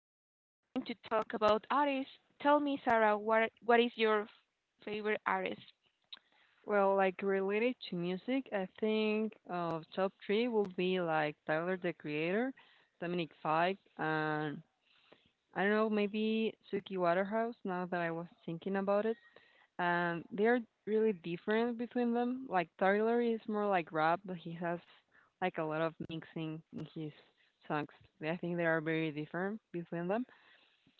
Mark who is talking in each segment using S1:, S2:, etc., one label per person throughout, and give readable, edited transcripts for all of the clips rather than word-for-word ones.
S1: Sarah. We're going to talk about artists. Tell me, Sarah, what is your favorite artist?
S2: Well, like related to music, I think of top three will be like Tyler the Creator, Dominic Fike, and I don't know, maybe Suki Waterhouse now that I was thinking about it. And they're really different between them. Like Tyler is more like rap, but he has like a lot of mixing in his songs. I think they are very different between them.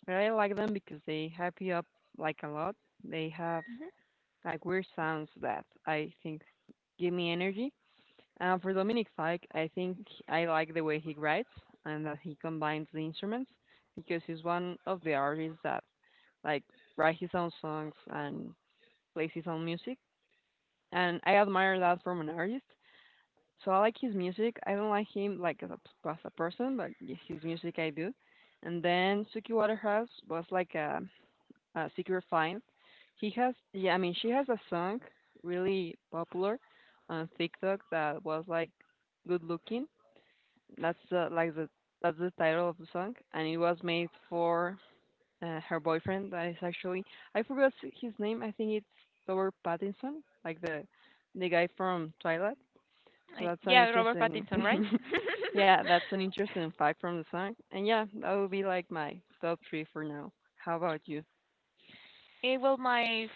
S2: But I like them because they hype you up like a lot. They have
S1: Hmm.
S2: like weird sounds that I think give me energy. For Dominic Fike, I think I like the way he writes and that he combines the instruments because he's one of the artists that like write his own songs and plays his own music. And I admire that from an artist. So I like his music. I don't like him like as a person, but his music I do. And then Suki Waterhouse was like a Sigur Fine. Yeah, I mean, she has a song really popular on TikTok that was like good looking. That's uh, like the that's the title of the song, and it was made for her boyfriend. That is actually I forgot his name. I think it's Robert Pattinson, like the guy from Twilight. So
S1: I,
S2: that's an
S1: yeah, Robert
S2: interesting,
S1: Pattinson, right?
S2: yeah, that's an interesting fact from the song. And yeah, that would be like my top three for now. How about you?
S1: Well, my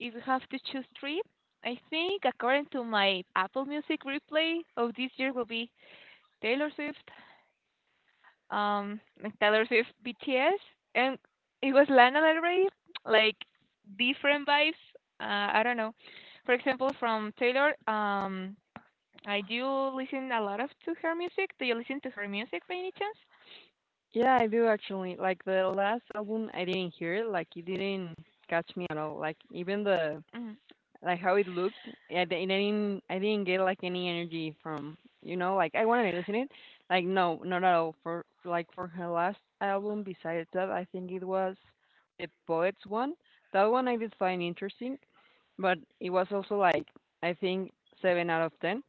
S1: if you have to choose three, I think according to my Apple Music replay of this year will be Taylor Swift, like Taylor Swift, BTS, and it was Lana Del Rey, like different vibes. I don't know. For example, from Taylor, I do listen a lot of to her music. Do you listen to her music by any chance?
S2: Yeah, I do actually. Like the last album, I didn't hear it. Like it didn't catch me at all. Like even the
S1: Mm.
S2: like how it looked. I didn't get like any energy from you know like I wanted to listen it. Like no, not at all. For like for her last album, besides that, I think it was the Poets one. That one I did find interesting, but it was also like I think seven out of ten.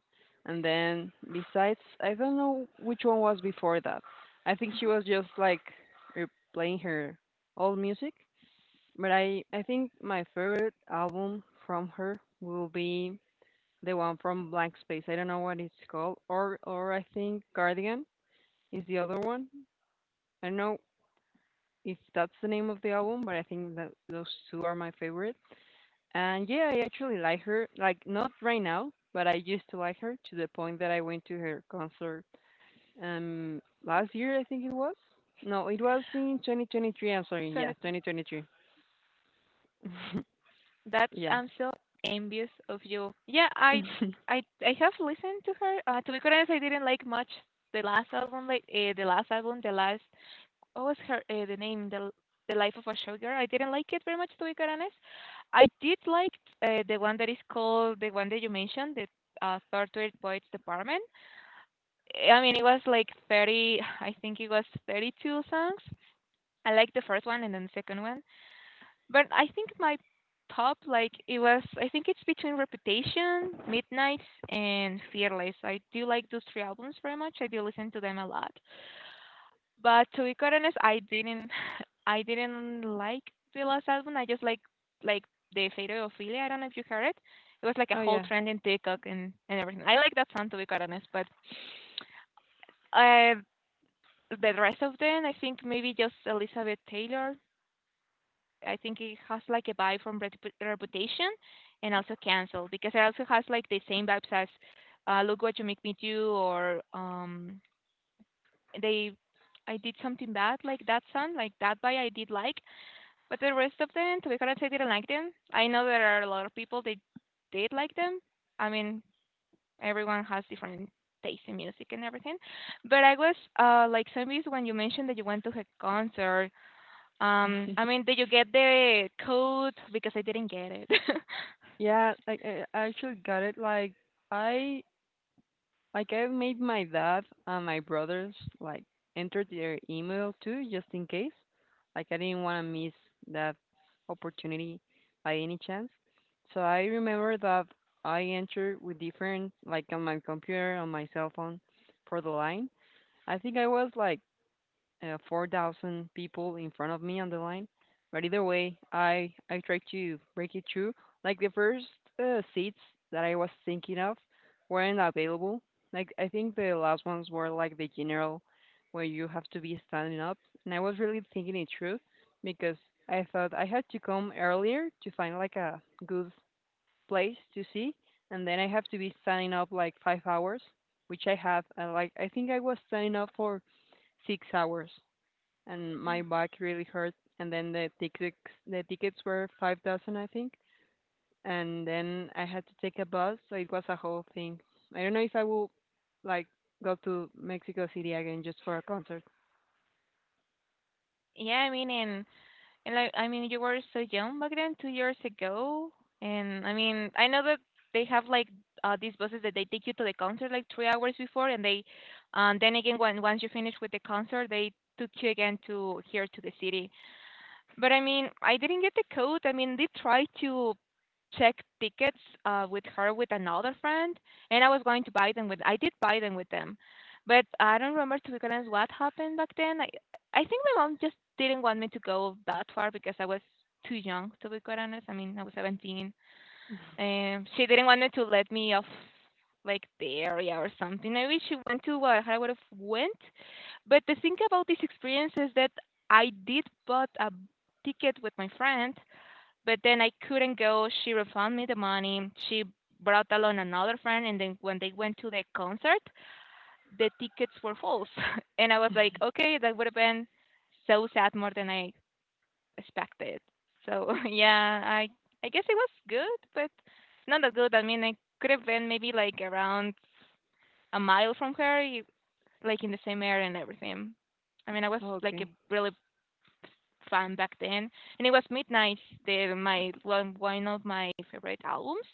S2: And then besides, I don't know which one was before that. I think she was just like re- playing her old music, but I think my favorite album from her will be the one from Blank Space. I don't know what it's called, or I think Guardian is the other one. I don't know if that's the name of the album, but I think that those two are my favorites. And yeah, I actually like her. Like not right now, but I used to like her to the point that I went to her concert last year. I think it was. No, it was in 2023. I'm sorry.
S1: So
S2: Yeah,
S1: that-
S2: 2023.
S1: that's
S2: yeah.
S1: I'm so envious of you. Yeah, I have listened to her. To be quite honest, I didn't like much the last album. Like the last album, the last. What was her the name? The life of a showgirl. I didn't like it very much. To be quite honest, I did like the one that you mentioned, the Tortured Poets Department. I mean, it was like 30, I think it was 32 songs. I like the first one and then the second one. But I think my top, like, it was, I think it's between Reputation, Midnights, and Fearless. I do like those three albums very much. I do listen to them a lot. But to be quite honest, I didn't, I didn't like the last album. I just like, the Fate of Ophelia. I don't know if you heard it. It was like a
S2: oh
S1: whole
S2: yeah.
S1: trend in TikTok and everything. I like that song to be quite honest, but uh, the rest of them, I think maybe just Elizabeth Taylor. I think it has like a vibe from Reputation and also Cancel because it also has like the same vibes as Look What You Make Me Do, or they I did something bad, like that song, like that by I did like, but the rest of them, to be honest, I didn't like them. I know there are a lot of people that did like them. I mean, everyone has different taste in music and everything. But I was like zombies when you mentioned that you went to a concert. I mean, did you get the code? Because I didn't get it.
S2: Yeah, like I actually got it. I like I made my dad and my brothers like enter their email too, just in case. Like I didn't want to miss that opportunity by any chance. So I remember that I entered with different like on my computer on my cell phone for the line. I think I was like 4,000 people in front of me on the line. But either way, I tried to break it through. Like the first seats that I was thinking of weren't available. Like I think the last ones were like the general, where you have to be standing up. And I was really thinking it through because I thought I had to come earlier to find like a good place to see, and then I have to be standing up like 5 hours, which I have. And like I think I was standing up for 6 hours and my back really hurt. And then the tickets were 5,000, I think. And then I had to take a bus, so it was a whole thing. I don't know if I will like go to Mexico City again just for a concert.
S1: Yeah, I mean, I mean, you were so young back then, 2 years ago. And I mean, I know that they have like these buses that they take you to the concert like 3 hours before, and then again, when once you finish with the concert, they took you again to here to the city. But I mean, I didn't get the code. I mean, they tried to check tickets with her with another friend, and I was going to buy them with. I did buy them with them, but I don't remember to be honest what happened back then. I think my mom just didn't want me to go that far because I was too young to be quite honest. I mean, I was 17, and she didn't want me to let me off like the area or something. I wish she went to what I would have went. But the thing about this experience is that I did bought a ticket with my friend, but then I couldn't go. She refunded me the money. She brought along another friend, and then when they went to the concert, the tickets were full. And I was like, okay, that would have been so sad more than I expected. So yeah, I guess it was good, but not that good. I mean, I could have been maybe like around a mile from her, like in the same area and everything. I mean, I was
S2: Oh,
S1: like a
S2: okay.
S1: really fan back then, and it was Midnight, the my one one of my favorite albums.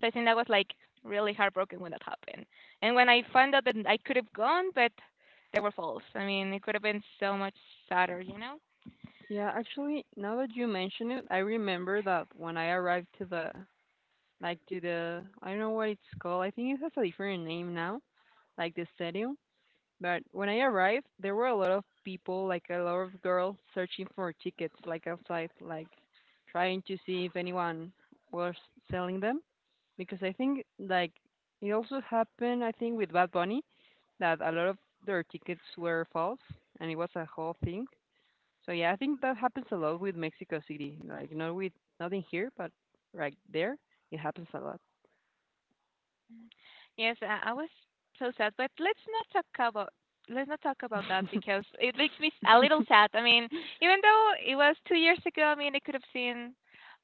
S1: So I think that was like really heartbroken when that happened. And when I found out that I could have gone, but they were false. I mean, it could have been so much sadder, you know.
S2: Yeah, actually, now that you mention it, I remember that when I arrived to the, like to the, I don't know what it's called. I think it has a different name now, like the stadium. But when I arrived, there were a lot of people, like a lot of girls, searching for tickets, like outside, like trying to see if anyone was selling them. Because I think, like, it also happened, I think, with Bad Bunny, that a lot of their tickets were false, and it was a whole thing. So yeah, I think that happens a lot with Mexico City. Like, not with not in here, but right there, it happens a lot.
S1: Yes, I was so sad, but let's not talk about that because it makes me a little sad. I mean, even though it was 2 years ago, I mean, I could have seen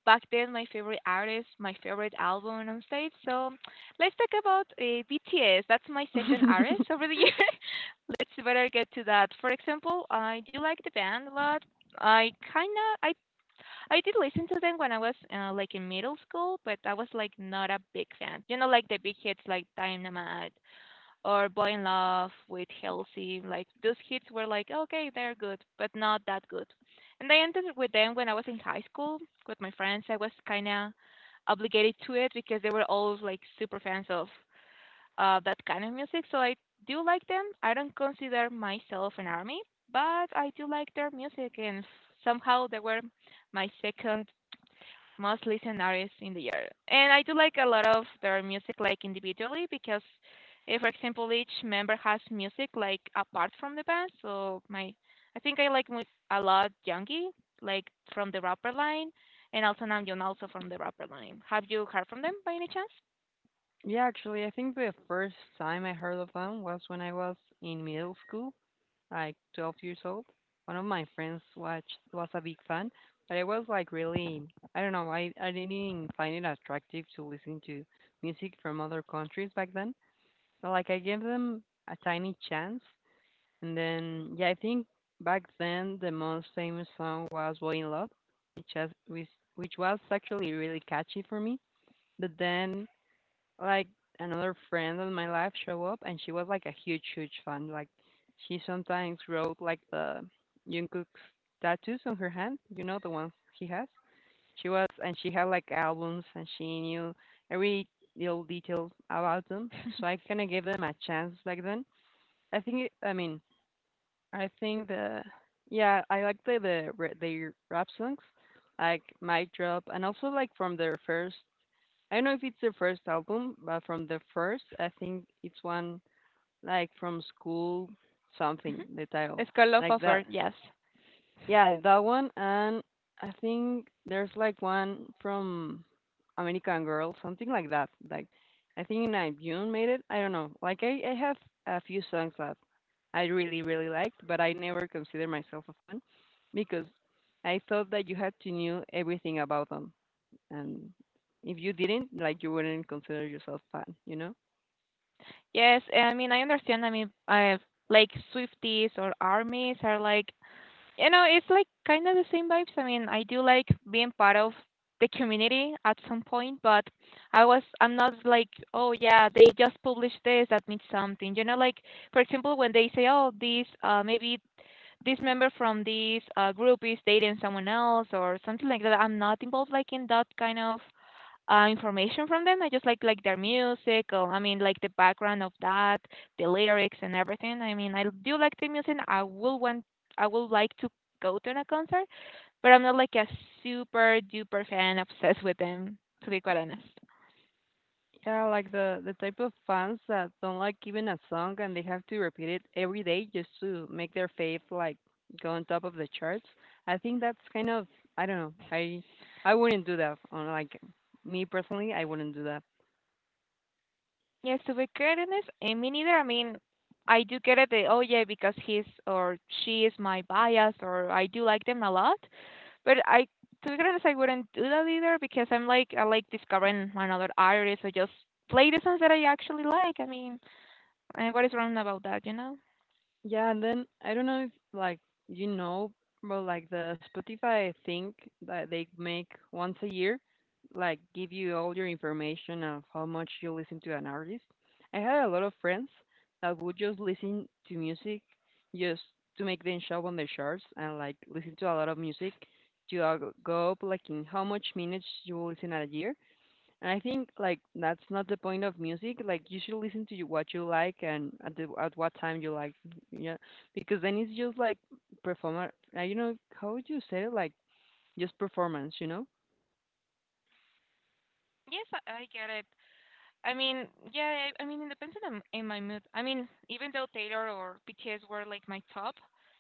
S1: back then my favorite artist, my favorite album on stage. So let's talk about BTS. That's my second artist over the year. Let's better get to that. For example, I do like the band a lot. I kinda I did listen to them when I was like in middle school, but I was like not a big fan. You know, like the big hits, like Dynamite or Boy in Love with Halsey. Like those hits were like okay, they're good, but not that good. And I ended up with them when I was in high school with my friends. I was kind of obligated to it because they were all like super fans of that kind of music. So I do like them. I don't consider myself an army, but I do like their music, and somehow they were my second most listened artists in the year. And I do like a lot of their music like individually because for example each member has music like apart from the band. So my I think a lot Youngie, like from the rapper line, and also Namjoon also from the rapper line. Have you heard from them by any chance?
S2: Yeah, actually, I think the first time I heard of them was when I was in middle school, like 12 years old. One of my friends watched was a big fan, but I was like really I don't know, I didn't find it attractive to listen to music from other countries back then. But like I gave them a tiny chance and then yeah, I think back then the most famous song was Boy in Love, which has which, which was actually really catchy for me. But then like another friend in my life show up and she was like a huge fan. Like she sometimes wrote like the Jungkook's tattoos on her hand, you know the ones he has. She was and she had like albums and she knew every little detail about them. So I kind of gave them a chance back then. I think it, I mean I think the yeah I like the their rap songs like Mic Drop and also like from their first I don't know if it's their first album, but from the first, I think it's one like from school something, the title.
S1: Skull of
S2: Like that.
S1: Offer, yes.
S2: Yeah, that one. And I think there's like one from American Girl, something like that. Like, I think Naibune made it. I don't know. Like, I have a few songs that I really, really liked, but I never consider myself a fan because I thought that you had to know everything about them, and if you didn't like you wouldn't consider yourself fan, you know.
S1: Yes, I mean I understand. I mean, like Swifties or armies are like, you know, it's like kind of the same vibes. I mean, I do like being part of the community at some point, but I'm not like, oh yeah, they just published this, that means something. You know, like for example, when they say, oh, this maybe this member from this group is dating someone else or something like that, I'm not involved like in that kind of information from them. I just like their music, or I mean like the background of that, the lyrics and everything. I mean I do like the music. I will want I would like to go to a concert, but I'm not like a super duper fan obsessed with them to be quite honest.
S2: Yeah, like the type of fans that don't like even a song and they have to repeat it every day just to make their fave like go on top of the charts. I think that's kind of I don't know, I wouldn't do that on like me personally, I wouldn't do that.
S1: Yes, to be quite honest, and me neither. I mean, I do get it. That, oh yeah, because he's or she is my bias, or I do like them a lot. But to be honest, I wouldn't do that either because I'm like I like discovering another artist or just play the songs that I actually like. I mean, and what is wrong about that, you know?
S2: Yeah, and then I don't know if like you know, but like the Spotify thing that they make once a year, like give you all your information of how much you listen to an artist. I had a lot of friends that would just listen to music just to make them show on the charts and like listen to a lot of music to go up like in how much minutes you will listen at a year. And I think like that's not the point of music. Like you should listen to you, what you like and at at what time you like. Yeah, because then it's just like performer. I you know how would you say it? Like just performance. You
S1: Yes, I get it. I mean, yeah, I mean, it depends on the, in my mood. I mean, even though Taylor or BTS were like my top,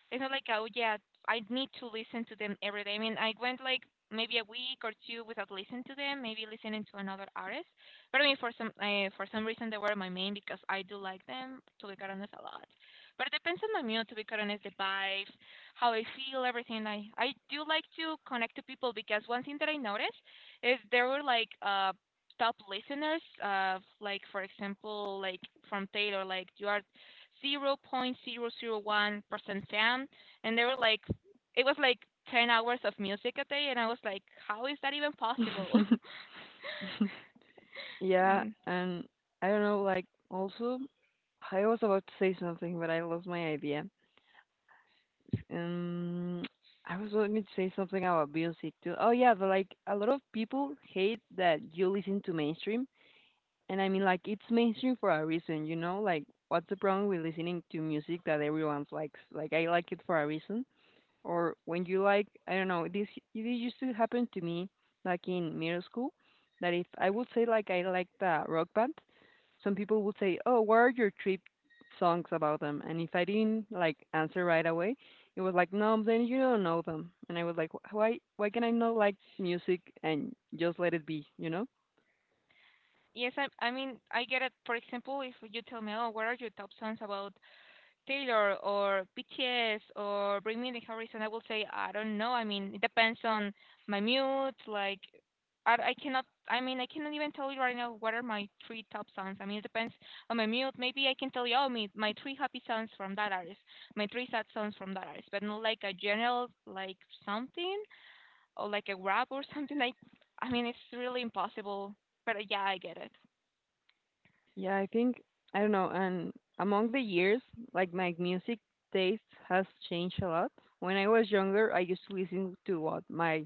S1: it's not like, oh yeah, I need to listen to them every day. I mean, I went like maybe a week or two without listening to them, maybe listening to another artist. But I mean, for some reason they were my main because I do like them, to be quite honest, a lot. But it depends on my mood, to be quite honest, the vibes, how I feel, everything. I do like to connect to people because one thing that I noticed is there were like top listeners like for example like from Taylor, like you are zero point zero zero 0.001% fan, and they were like it was like 10 hours of music a day, and I was like how is that even
S2: know.
S1: possible? I
S2: yeah,
S1: mean,
S2: and I don't know. Like also, I was about to say something, but I lost my idea. Um, I was going to say something about music too. Oh yeah, but like a lot of people hate that you listen to mainstream. And I mean, like, it's mainstream for a reason, you know? Like, what's the problem with listening to music that everyone likes? Like, I like it for a reason. Or when you like, I don't know, this it used to happen to me like in middle school that if I would say like I like the rock band, some people would say, "Oh, what are your trip songs about them?" And if I didn't like answer right away, it was like, "No, then you don't know them." And I was like, "Why? Why can I not like music and just let it be?" You know?
S1: yes, I mean I get it. For example, if you tell me, oh, what are your top songs about Taylor or BTS or Bring Me the Horizon, I will say I don't know. I mean, it depends on my mood. Like, I cannot. I mean, I cannot even tell you right now what are my three top songs. I mean, it depends on my mood. Maybe I can tell you, oh, my three happy songs from that artist, my three sad songs from that artist, but not like a general like something or like a rap or something like. I mean, it's really impossible. But yeah, I get it.
S2: Yeah, I think I don't know. And among the years, like my music taste has changed a lot. When I was younger, I used to listen to what my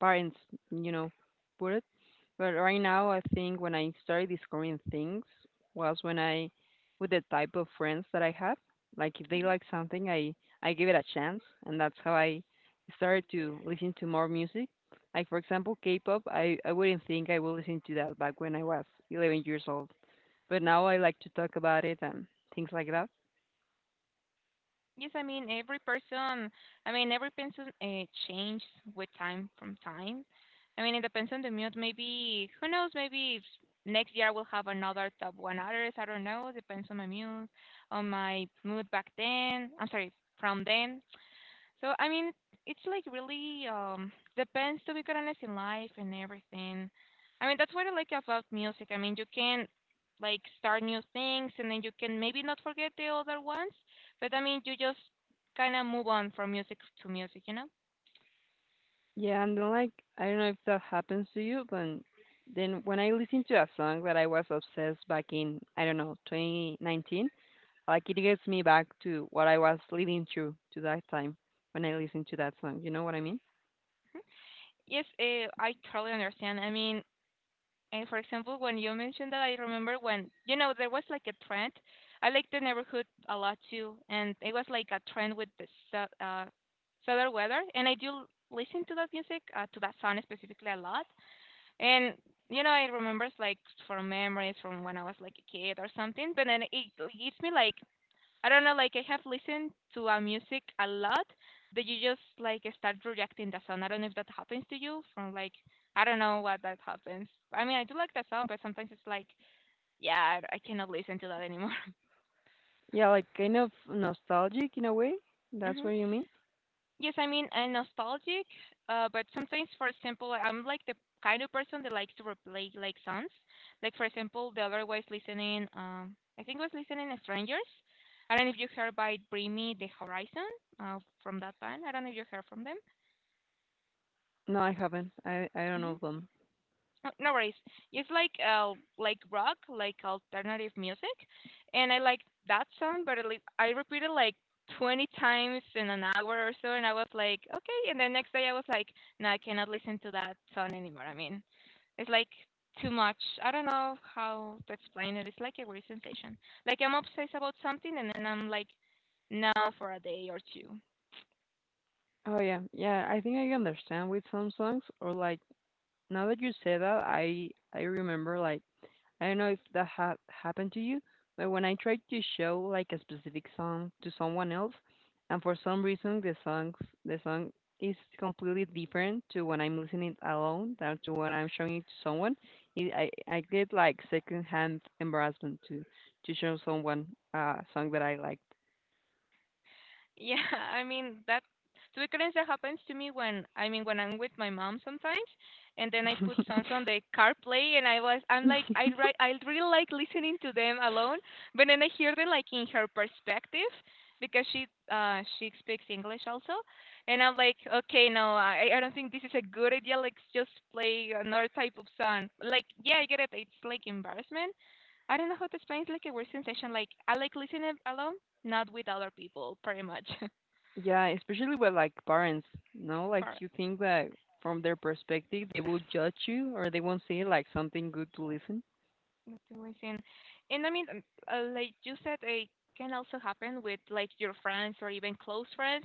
S2: parents, you know, put it. But right now, I think when I started discovering things was when I, with the type of friends that I have, like if they like something, I give it a chance, and that's how I started to listen to more music. Like for example, K-pop, I wouldn't think I would listen to that back when I was 11 years old. But now I like to talk about it and things like that.
S1: Yes, I mean every person. I mean every person changes with time from time. I mean it depends on the mood. Maybe who knows? Maybe next year we'll have another top one artist. I don't know. Depends on my mood back then. I'm sorry, from then. So I mean, it's like really depends, to be quite honest, in life and everything. I mean that's what I like about music. I mean you can like start new things and then you can maybe not forget the other ones, but I mean you just kind of move on from music to music, you know?
S2: Yeah, and then, like, I don't know if that happens to you, but then when I listen to a song that I was obsessed back in, I don't know, 2019, like it gets me back to what I was living through to that time when I listen to that song. You know what I mean?
S1: Yes, I totally understand. I mean, and for example, when you mentioned that, I remember when, you know, there was like a trend. I like the neighborhood a lot too, and it was like a trend with the southern weather. And I do listen to that music, to that song specifically a lot. And you know, I remember it's like from memories from when I was like a kid or something. But then it gives me like I don't know, like I have listened to a music a lot that you just like start rejecting the song. I don't know if that happens to you from like I don't know what that happens. I mean, I do like the song, but sometimes it's like, yeah, I cannot listen to that anymore.
S2: Yeah, like kind of nostalgic in a way. That's
S1: Hmm.
S2: what you mean?
S1: Yes, I mean, and nostalgic, but sometimes, for example, I'm like the kind of person that likes to replay like songs. Like for example, the other was listening, I think was listening to Strangers. I don't know if you heard by Bring Me the Horizon, from that band. I don't know if you heard from them.
S2: No, I haven't. I don't know
S1: Mhm.
S2: them.
S1: Oh, no worries. It's like rock, like alternative music, and I like that song, but at least I repeated like 20 times in an hour or so, and I was like, okay. And the next day I was like, no, I cannot listen to that song anymore. I mean, it's like too much. I don't know how to explain it. It's like a weird sensation. Like I'm obsessed about something, and then I'm like, no, for a day or two.
S2: Oh yeah, yeah. I think I understand with some songs, or like now that you say that, I remember, like, I don't know if that ha happened to you, but when I tried to show like a specific song to someone else, and for some reason the song is completely different to when I'm listening alone than to when I'm showing it to someone, I get like secondhand embarrassment to show someone a song that I liked.
S1: Yeah, I mean that to be honest, that happens to me when when I'm with my mom sometimes, and then I put songs on the CarPlay, and I'm like I really like listening to them alone, but then I hear them like in her perspective because she she speaks English also, and I'm like, okay, no, I don't think this is a good idea, like just play another type of song, like yeah, I get it, it's like embarrassment. I don't know how to explain. It's like a weird sensation. Like I like listening alone, not with other people, pretty much.
S2: Yeah, especially with like parents, no? Like
S1: Par-
S2: you think that from their perspective they will judge you or they won't see like something good to listen.
S1: that's what I'm saying. And I mean, like you said, it can also happen with like your friends or even close friends.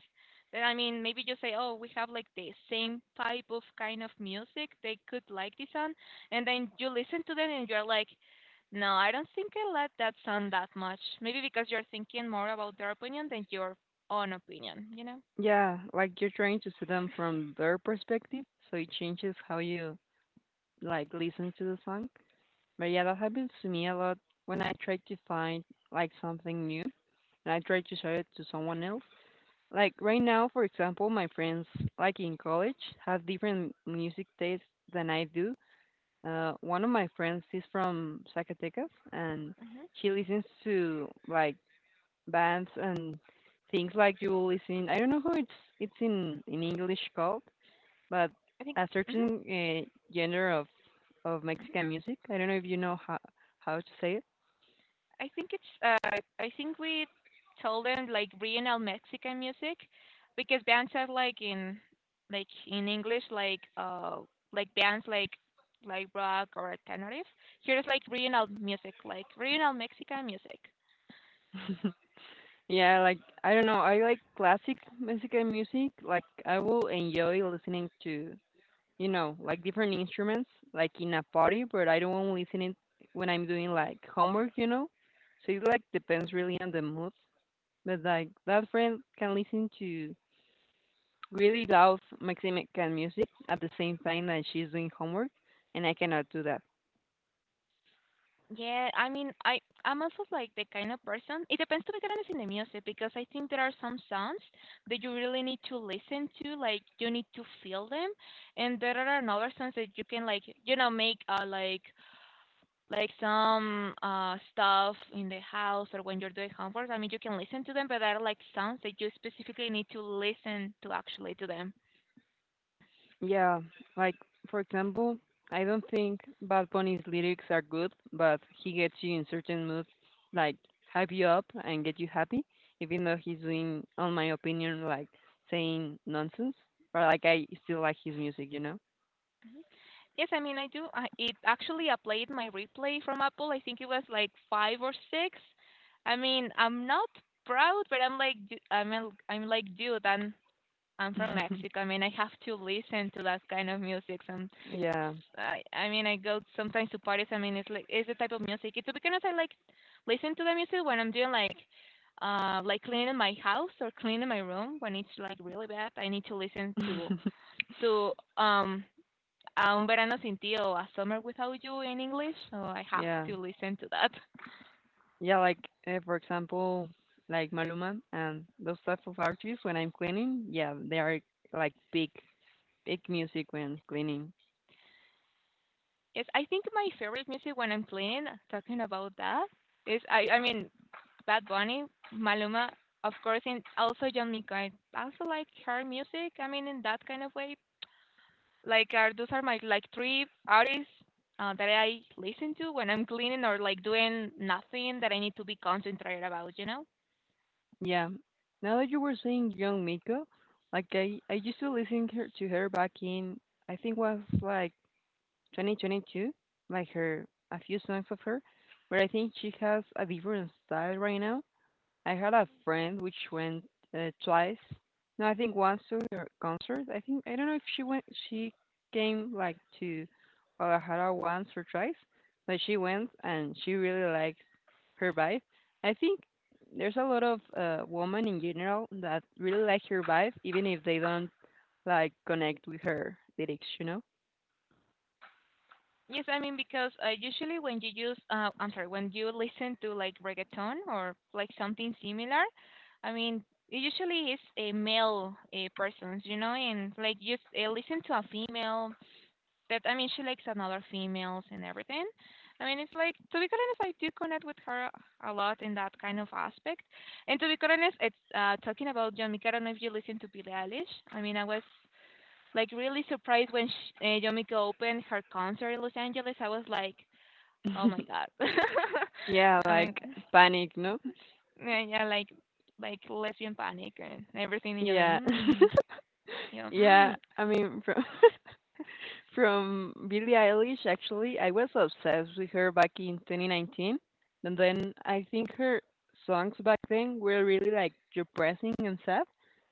S1: That I mean, maybe you say, oh, we have like the same type of kind of music. They could like this song, and then you listen to them, and you're like, no, I don't think I like that song that much. Maybe because you're thinking more about their opinion than your own opinion. You know?
S2: Yeah, like you're trying to see them from their perspective, so it changes how you, like, listen to the song. But yeah, that happens to me a lot when I try to find like something new and I try to show it to someone else. Like right now, for example, my friends, like, in college have different music tastes than I do. One of my friends is from Zacatecas, and
S1: Hmm.
S2: she listens to like bands and things like you will listen. I don't know how it's in English called, but
S1: I think.
S2: a
S1: Mm-hmm.
S2: certain genre of Mexican music. I don't know if you know how to say it.
S1: I think it's I think we told them like regional Mexican music because bands are like in, like in English, like bands like rock or alternative. Here is like regional music, like regional Mexican music.
S2: Yeah, like I don't know. I like classic Mexican music. Like I will enjoy listening to, you know, like different instruments like in a party, but I don't want to listen it when I'm doing like homework. You know, so it like depends really on the mood. But like that friend can listen to really loud Mexican music at the same time that she's doing homework, and I cannot do that.
S1: Yeah, I mean I'm also like the kind of person, it depends to be honest in the music because I think there are some sounds that you really need to listen to, like you need to feel them, and there are another songs that you can like, you know, make like some stuff in the house or when you're doing homework. I mean, you can listen to them, but there are like sounds that you specifically need to listen to actually to them.
S2: Yeah, like for example, I don't think Bad Bunny's lyrics are good, but he gets you in certain moods, like hype you up and get you happy, even though he's doing, on my opinion, like saying nonsense. But like I still like his music, you know.
S1: Yes, I mean I do. It actually I played my replay from Apple. I think it was like five or six. I mean, I'm not proud, but I'm like, I'm like, dude, I'm from Mexico. I mean, I have to listen to that kind of music. Some,
S2: Yeah,
S1: I mean, I go sometimes to parties. I mean, it's like it's the type of music. It's because I like listen to the music when I'm doing like cleaning my house or cleaning my room when it's like really bad. I need to listen to um a un verano sin ti or a summer without you in English. So I have
S2: yeah.
S1: to listen to that.
S2: Yeah, like for example, like Maluma and those type of artists. When I'm cleaning, yeah, they are like big, big music when cleaning.
S1: Yes, I think my favorite music when I'm playing, talking about that, is I mean Bad Bunny, Maluma, of course, and also John Mico. I also like her music. I mean, in that kind of way, like are those are my like three artists that I listen to when I'm cleaning or like doing nothing that I need to be concentrated about. You know.
S2: Yeah. Now that you were saying Young Miko, like I used to listen her, to her back in I think was like 2022, like her a few songs of her, but I think she has a different style right now. I had a friend which went twice. No, I think once to her concert. I think I don't know if she went. She came like to Guadalajara once or twice, but she went and she really liked her vibe. I think there's a lot of women in general that really like her vibe, even if they don't like connect with her lyrics. You know?
S1: Yes, I mean because usually when you use, I'm sorry, when you listen to like reggaeton or like something similar, I mean it usually is a male persons, you know, and like you listen to a female that I mean she likes another females and everything. I mean it's like to be quite honest, I do connect with her a lot in that kind of aspect. And to be quite honest, it's talking about John, I don't know if you listen to Billie Eilish. I mean I was like really surprised when sh Yomiko opened her concert in Los Angeles. I was like, oh my god.
S2: Yeah,
S1: I mean,
S2: like panic. No.
S1: yeah, yeah, like lesbian panic and everything. And you're like,
S2: Yeah.
S1: mm, you know,
S2: Yeah,
S1: mm.
S2: I mean, from from Billie Eilish, actually, I was obsessed with her back in 2019, and then I think her songs back then were really like depressing and sad.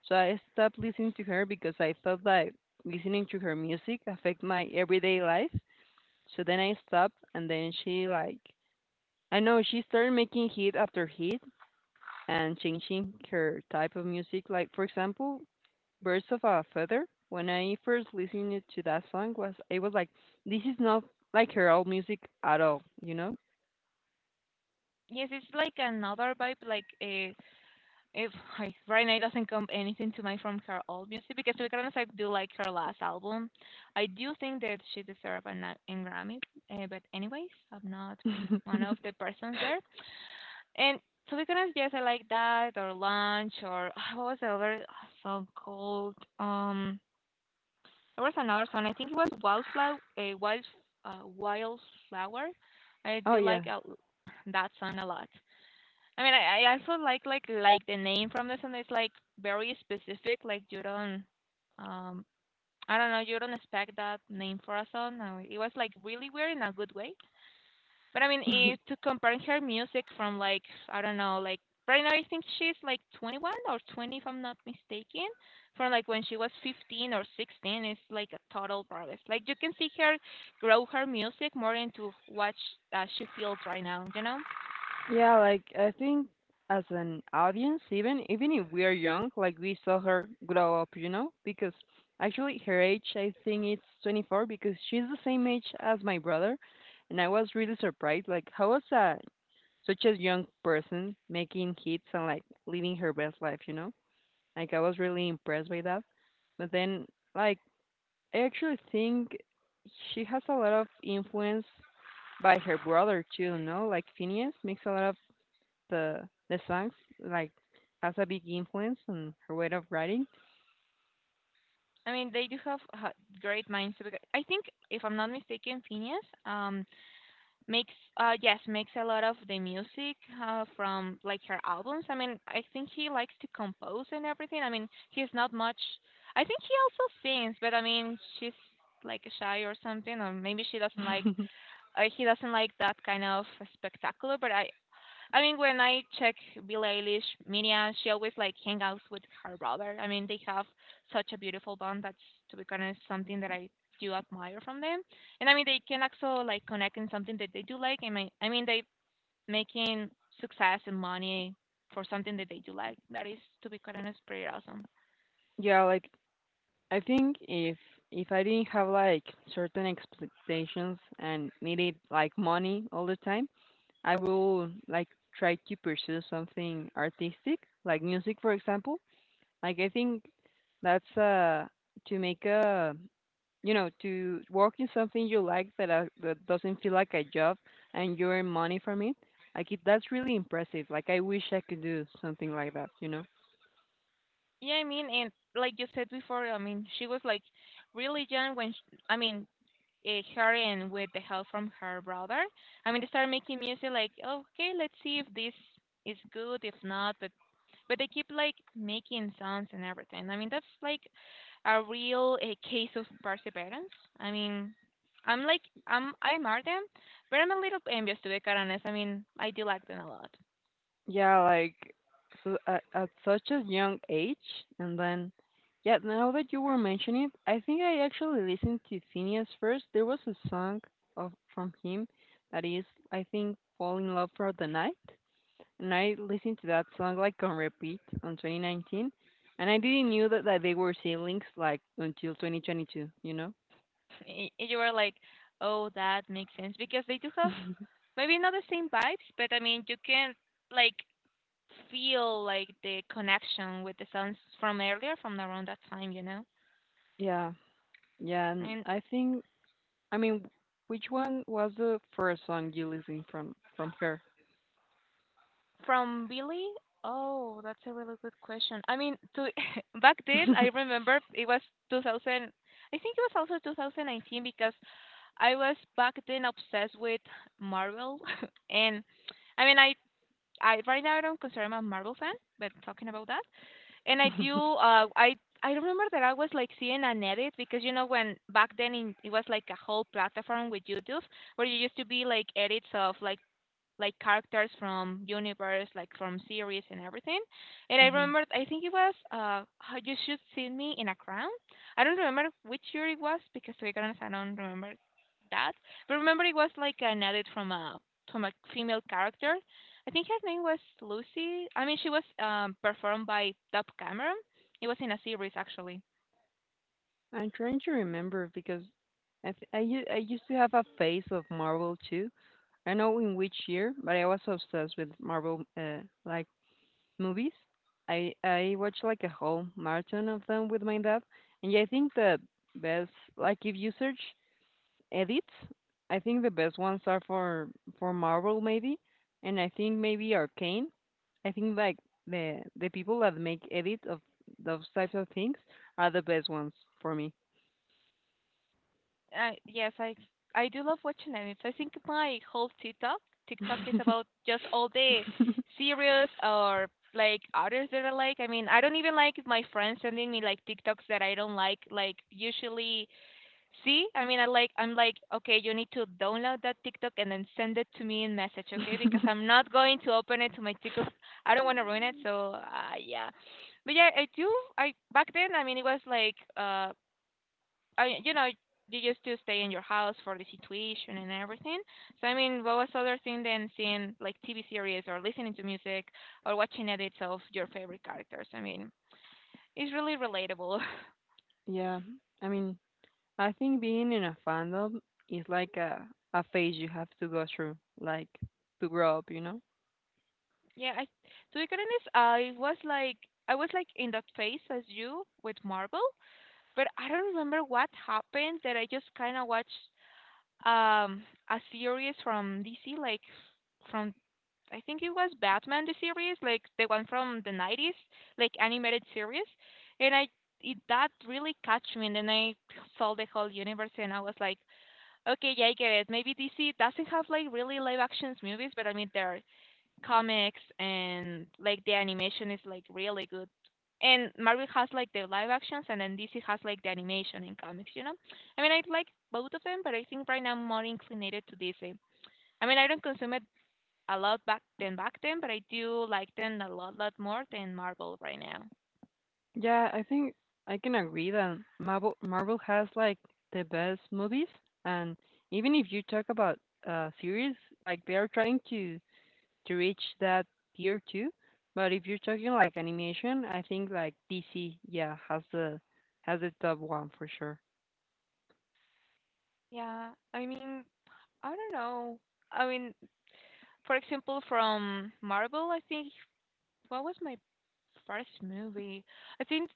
S2: So I stopped listening to her because I thought that listening to her music affect my everyday life. So then I stopped, and then she like I know she started making hit after hit and changing her type of music. Like for example, Birds of a Feather. When I first listened to that song, was I was like, this is not like her old music at all, you know?
S1: Yes, it's like another vibe. Like if I, right now it doesn't come anything to mind from her old music because to be honest, I do like her last album. I do think that she deserves an Grammy. But anyways, I'm not one of the persons there. And so we couldn't just say like that or lunch or what was the other song called? There was another song. I think it was Wildflower. Wildflower. I
S2: Oh
S1: do
S2: yeah,
S1: like that song a lot. I mean, I also like like the name from the song. It's like very specific. Like you don't, um, I don't know. You don't expect that name for a song. No, it was like really weird in a good way. But I mean, if to compare her music from like I don't know, like right now I think she's like 21 or 20 if I'm not mistaken, from like when she was 15 or 16, it's like a total progress. Like you can see her grow her music more into what she feels right now. You know,
S2: yeah. Like I think as an audience, even if we are young, like we saw her grow up, you know? Because actually her age, I think it's 24 because she's the same age as my brother, and I was really surprised. Like how was a such a young person making hits and like living her best life, you Like I was really impressed by that. But then like I actually think she has a lot of influence by her brother too, no? Like Phineas makes a lot of the songs, like has a big influence on her way of writing.
S1: I mean they do have great minds. I think if I'm not mistaken, Phineas. Makes makes a lot of the music from like her albums. I mean I think he likes to compose and everything. I mean he's not much, I think he also sings, but I mean she's like shy or something, or maybe she doesn't like he doesn't like that kind of spectacular, but I mean, when I check Billie Eilish, Miriam, she always like hang out with her brother. I mean, they have such a beautiful bond. That's to be honest, something that I do admire from them. And I mean, they can also like connect in something that they do like. I mean, they making success and money for something that they do like. That is, to be honest, pretty awesome.
S2: Yeah, like I think if I didn't have like certain expectations and needed like money all the time, I will like try to pursue something artistic, like music for example. Like, I think that's to make a, you know, to work in something you like that that doesn't feel like a job and you earn money from it. That's really impressive. Like I wish I could do something like that. You know?
S1: Yeah, I mean, and like you said before, I mean, she was like really young when sh I mean her and with the help from her brother. I mean, they start making music like, okay, let's see if this is good, if not, but they keep like making sounds and everything. I mean, that's like a case of perseverance. I mean, I'm like I admire them, but I'm a little envious to be quite honest. I mean, I do like them a lot.
S2: Yeah. Like so at such a young age, and then yeah. Now that you were mentioning it, I think I actually listened to Phineas first. There was a song of from him that is, I think, "Fall in Love for the Night," and I listened to that song like on repeat on 2019, and I didn't knew that they were siblings like until 2022. You know?
S1: You were like, oh, that makes sense because they do have maybe not the same vibes, but I mean, you can like feel like the connection with the songs from earlier, from around that time, you know?
S2: Yeah, yeah. And
S1: And
S2: I think I mean, which one was the first song you listened from her?
S1: from Billy, oh, that's a really good question. I mean, to back then, I remember it was 2000. I think it was also 2019 because I was back then obsessed with Marvel, and I mean, I right now I don't consider I'm a Marvel fan, but talking about that. And I do. I I remember that I was like seeing an edit because you know when back then in, it was like a whole platform with YouTube where you used to be like edits of like characters from universe, like from series and everything. And I
S2: Hmm.
S1: remembered, I think it was How You Should See Me in a Crown. I don't remember which year it was because to be honest, I don't remember that. But remember, it was like an edit from a female character. I think her name was Lucy. I mean, she was performed by Dove Cameron. It was in a series actually.
S2: I'm trying to remember because I, th- I, u- I used to have a phase of Marvel too. I know in which year, but I was obsessed with Marvel, like movies. I watch like a whole marathon of them with my dad, and yeah, I think the best like if you search edits, I think the best ones are for Marvel maybe, and I think maybe Arcane. I think like the people that make edits of those types of things are the best ones for me.
S1: Yes, I do love watching anime. So I think my whole TikTok is about just all the series or like others that I like. I mean, I don't even like my friends sending me like TikToks that I don't like. Like usually, see, I mean, I like I'm like okay, you need to download that TikTok and then send it to me in message, okay? Because I'm not going to open it to my TikTok. I don't want to ruin it. So yeah, but yeah, I do. I back then, I mean, it was like I you used to stay in your house for the situation and everything. So I mean, what was other thing than seeing like TV series or listening to music or watching edits of your favorite characters? I mean, it's really relatable.
S2: Yeah, I mean, I think being in a fandom is like a phase you have to go through, like to grow up, you know.
S1: Yeah, I to be honest, I was like in that phase as you with Marvel, but I don't remember what happened that I just kind of watched um a series from DC, like from I think it was Batman the series, like the one from the 90s, like animated series, and I it that really catch me, and then I saw the whole universe, and I was like, okay, yeah, I get it. Maybe DC doesn't have like really live actions movies, but I mean they're comics and like the animation is like really good. And Marvel has like the live actions and then DC has like the animation and comics, you know? I mean I like both of them, but I think right now I'm more inclinated to DC. I mean I don't consume it a lot back than back then, but I do like them a lot lot more than Marvel right now.
S2: Yeah, I think I can agree that Marvel has like the best movies, and even if you talk about series, like they are trying to reach that tier too. But if you're talking like animation, I think like DC, yeah, has the top one for sure.
S1: Yeah. I mean I don't know. I mean for example from Marvel I think what was my first movie? I think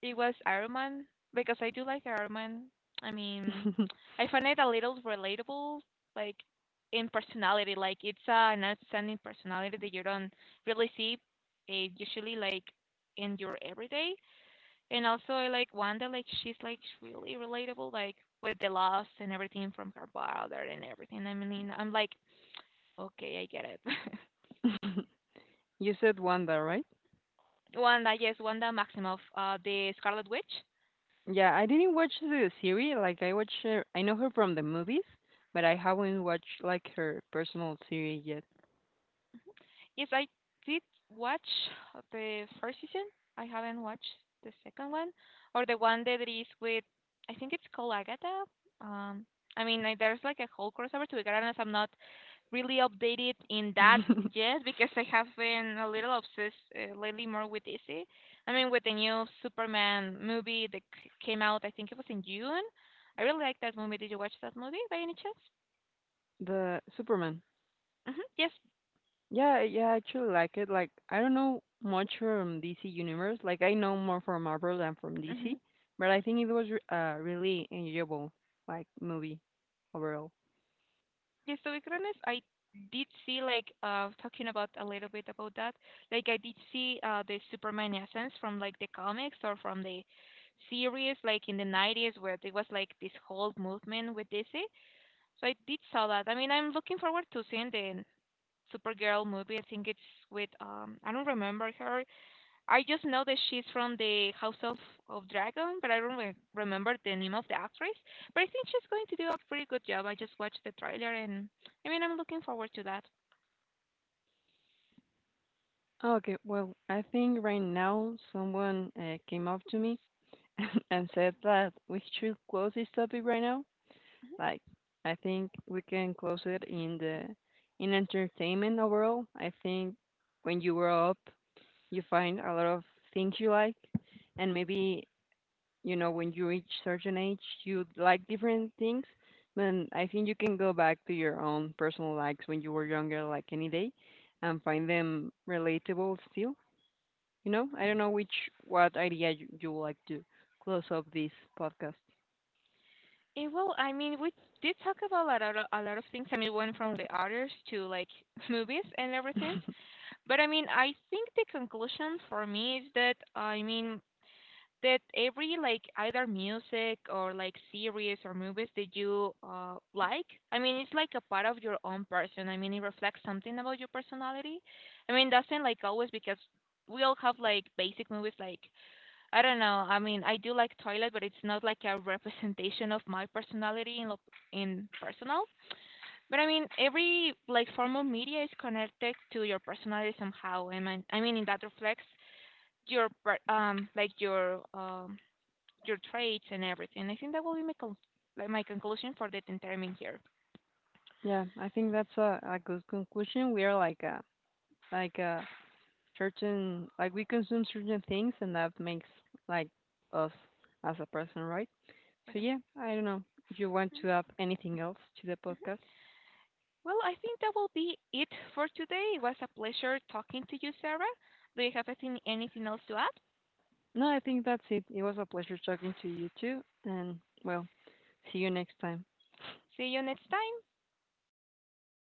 S1: it was Iron Man because I do like Iron Man. I mean, I find it a little relatable, like in personality. Like it's an outstanding personality that you don't really see usually, like in your everyday. And also, I like Wanda. Like she's like really relatable, like with the loss and everything from her father and everything. I mean, I'm like, okay, I get it.
S2: You said Wanda, right?
S1: Wanda, yes, Wanda Maximoff, the Scarlet Witch.
S2: Yeah, I didn't watch the series. Like I watch her, I know her from the movies, but I haven't watched like her personal series yet.
S1: Yes, I did watch the first season. I haven't watched the second one or the one that is with, I think it's called Agatha. Um, I mean, like, there's like a whole crossover to be quite I'm not really updated in that yet because I have been a little obsessed lately more with DC. I mean, with the new Superman movie that came out, I think it was in June. I really like that movie. Did you watch that movie by any chance?
S2: The Superman.
S1: Hmm. Yes.
S2: Yeah, yeah, I actually like it. Like, I don't know much from DC Universe. Like, I know more from Marvel than from
S1: Hmm.
S2: DC, but I think it was re really enjoyable, like movie overall.
S1: Yes, to be honest, I did see like talking about a little bit about that. Like I did see the Superman essence from like the comics or from the series like in the 90s where there was like this whole movement with DC. So I did saw that. I mean, I'm looking forward to seeing the Supergirl movie. I think it's with I don't remember her. I just know that she's from the House of Dragon, but I don't remember the name of the actress. But I think she's going to do a pretty good job. I just watched the trailer, and I mean, I'm looking forward to that.
S2: Okay, well, I think right now someone came up to me and said that we should close this topic right now. Like, I think we can close it in the in entertainment overall. I think when you grow up you find a lot of things you like and maybe, you know, when you reach certain age you like different things. Then I think you can go back to your own personal likes when you were younger, like any day, and find them relatable still, you know. I don't know which what idea you would like to close up this podcast.
S1: Well, I mean, we did talk about a lot of things. I mean, went from the artists to like movies and everything. But I mean, I think the conclusion for me is that I mean, did every like either music or like series or movies that you like? I mean, it's like a part of your own person. I mean, it reflects something about your personality. I mean, doesn't like always because we all have like basic movies like I don't know. I mean, I do like Toilet, but it's not like a representation of my personality in in personal. But I mean, every like form of media is connected to your personality somehow. And I mean, that reflects your like your traits and everything. I think that will be my like my conclusion for the interment here.
S2: Yeah, I think that's a good conclusion. We are like a certain like we consume certain things and that makes like us as a person, right?
S1: For
S2: So
S1: some-
S2: yeah, I don't know if you want
S1: Mhm,
S2: to add anything else to the
S1: mhm.
S2: podcast.
S1: Well, I think that will be it for today. It was a pleasure talking to you, Sarah. Do you have anything else to add?
S2: No, I think that's it. It was a pleasure talking to you too, and well, see you next time.
S1: See you next time.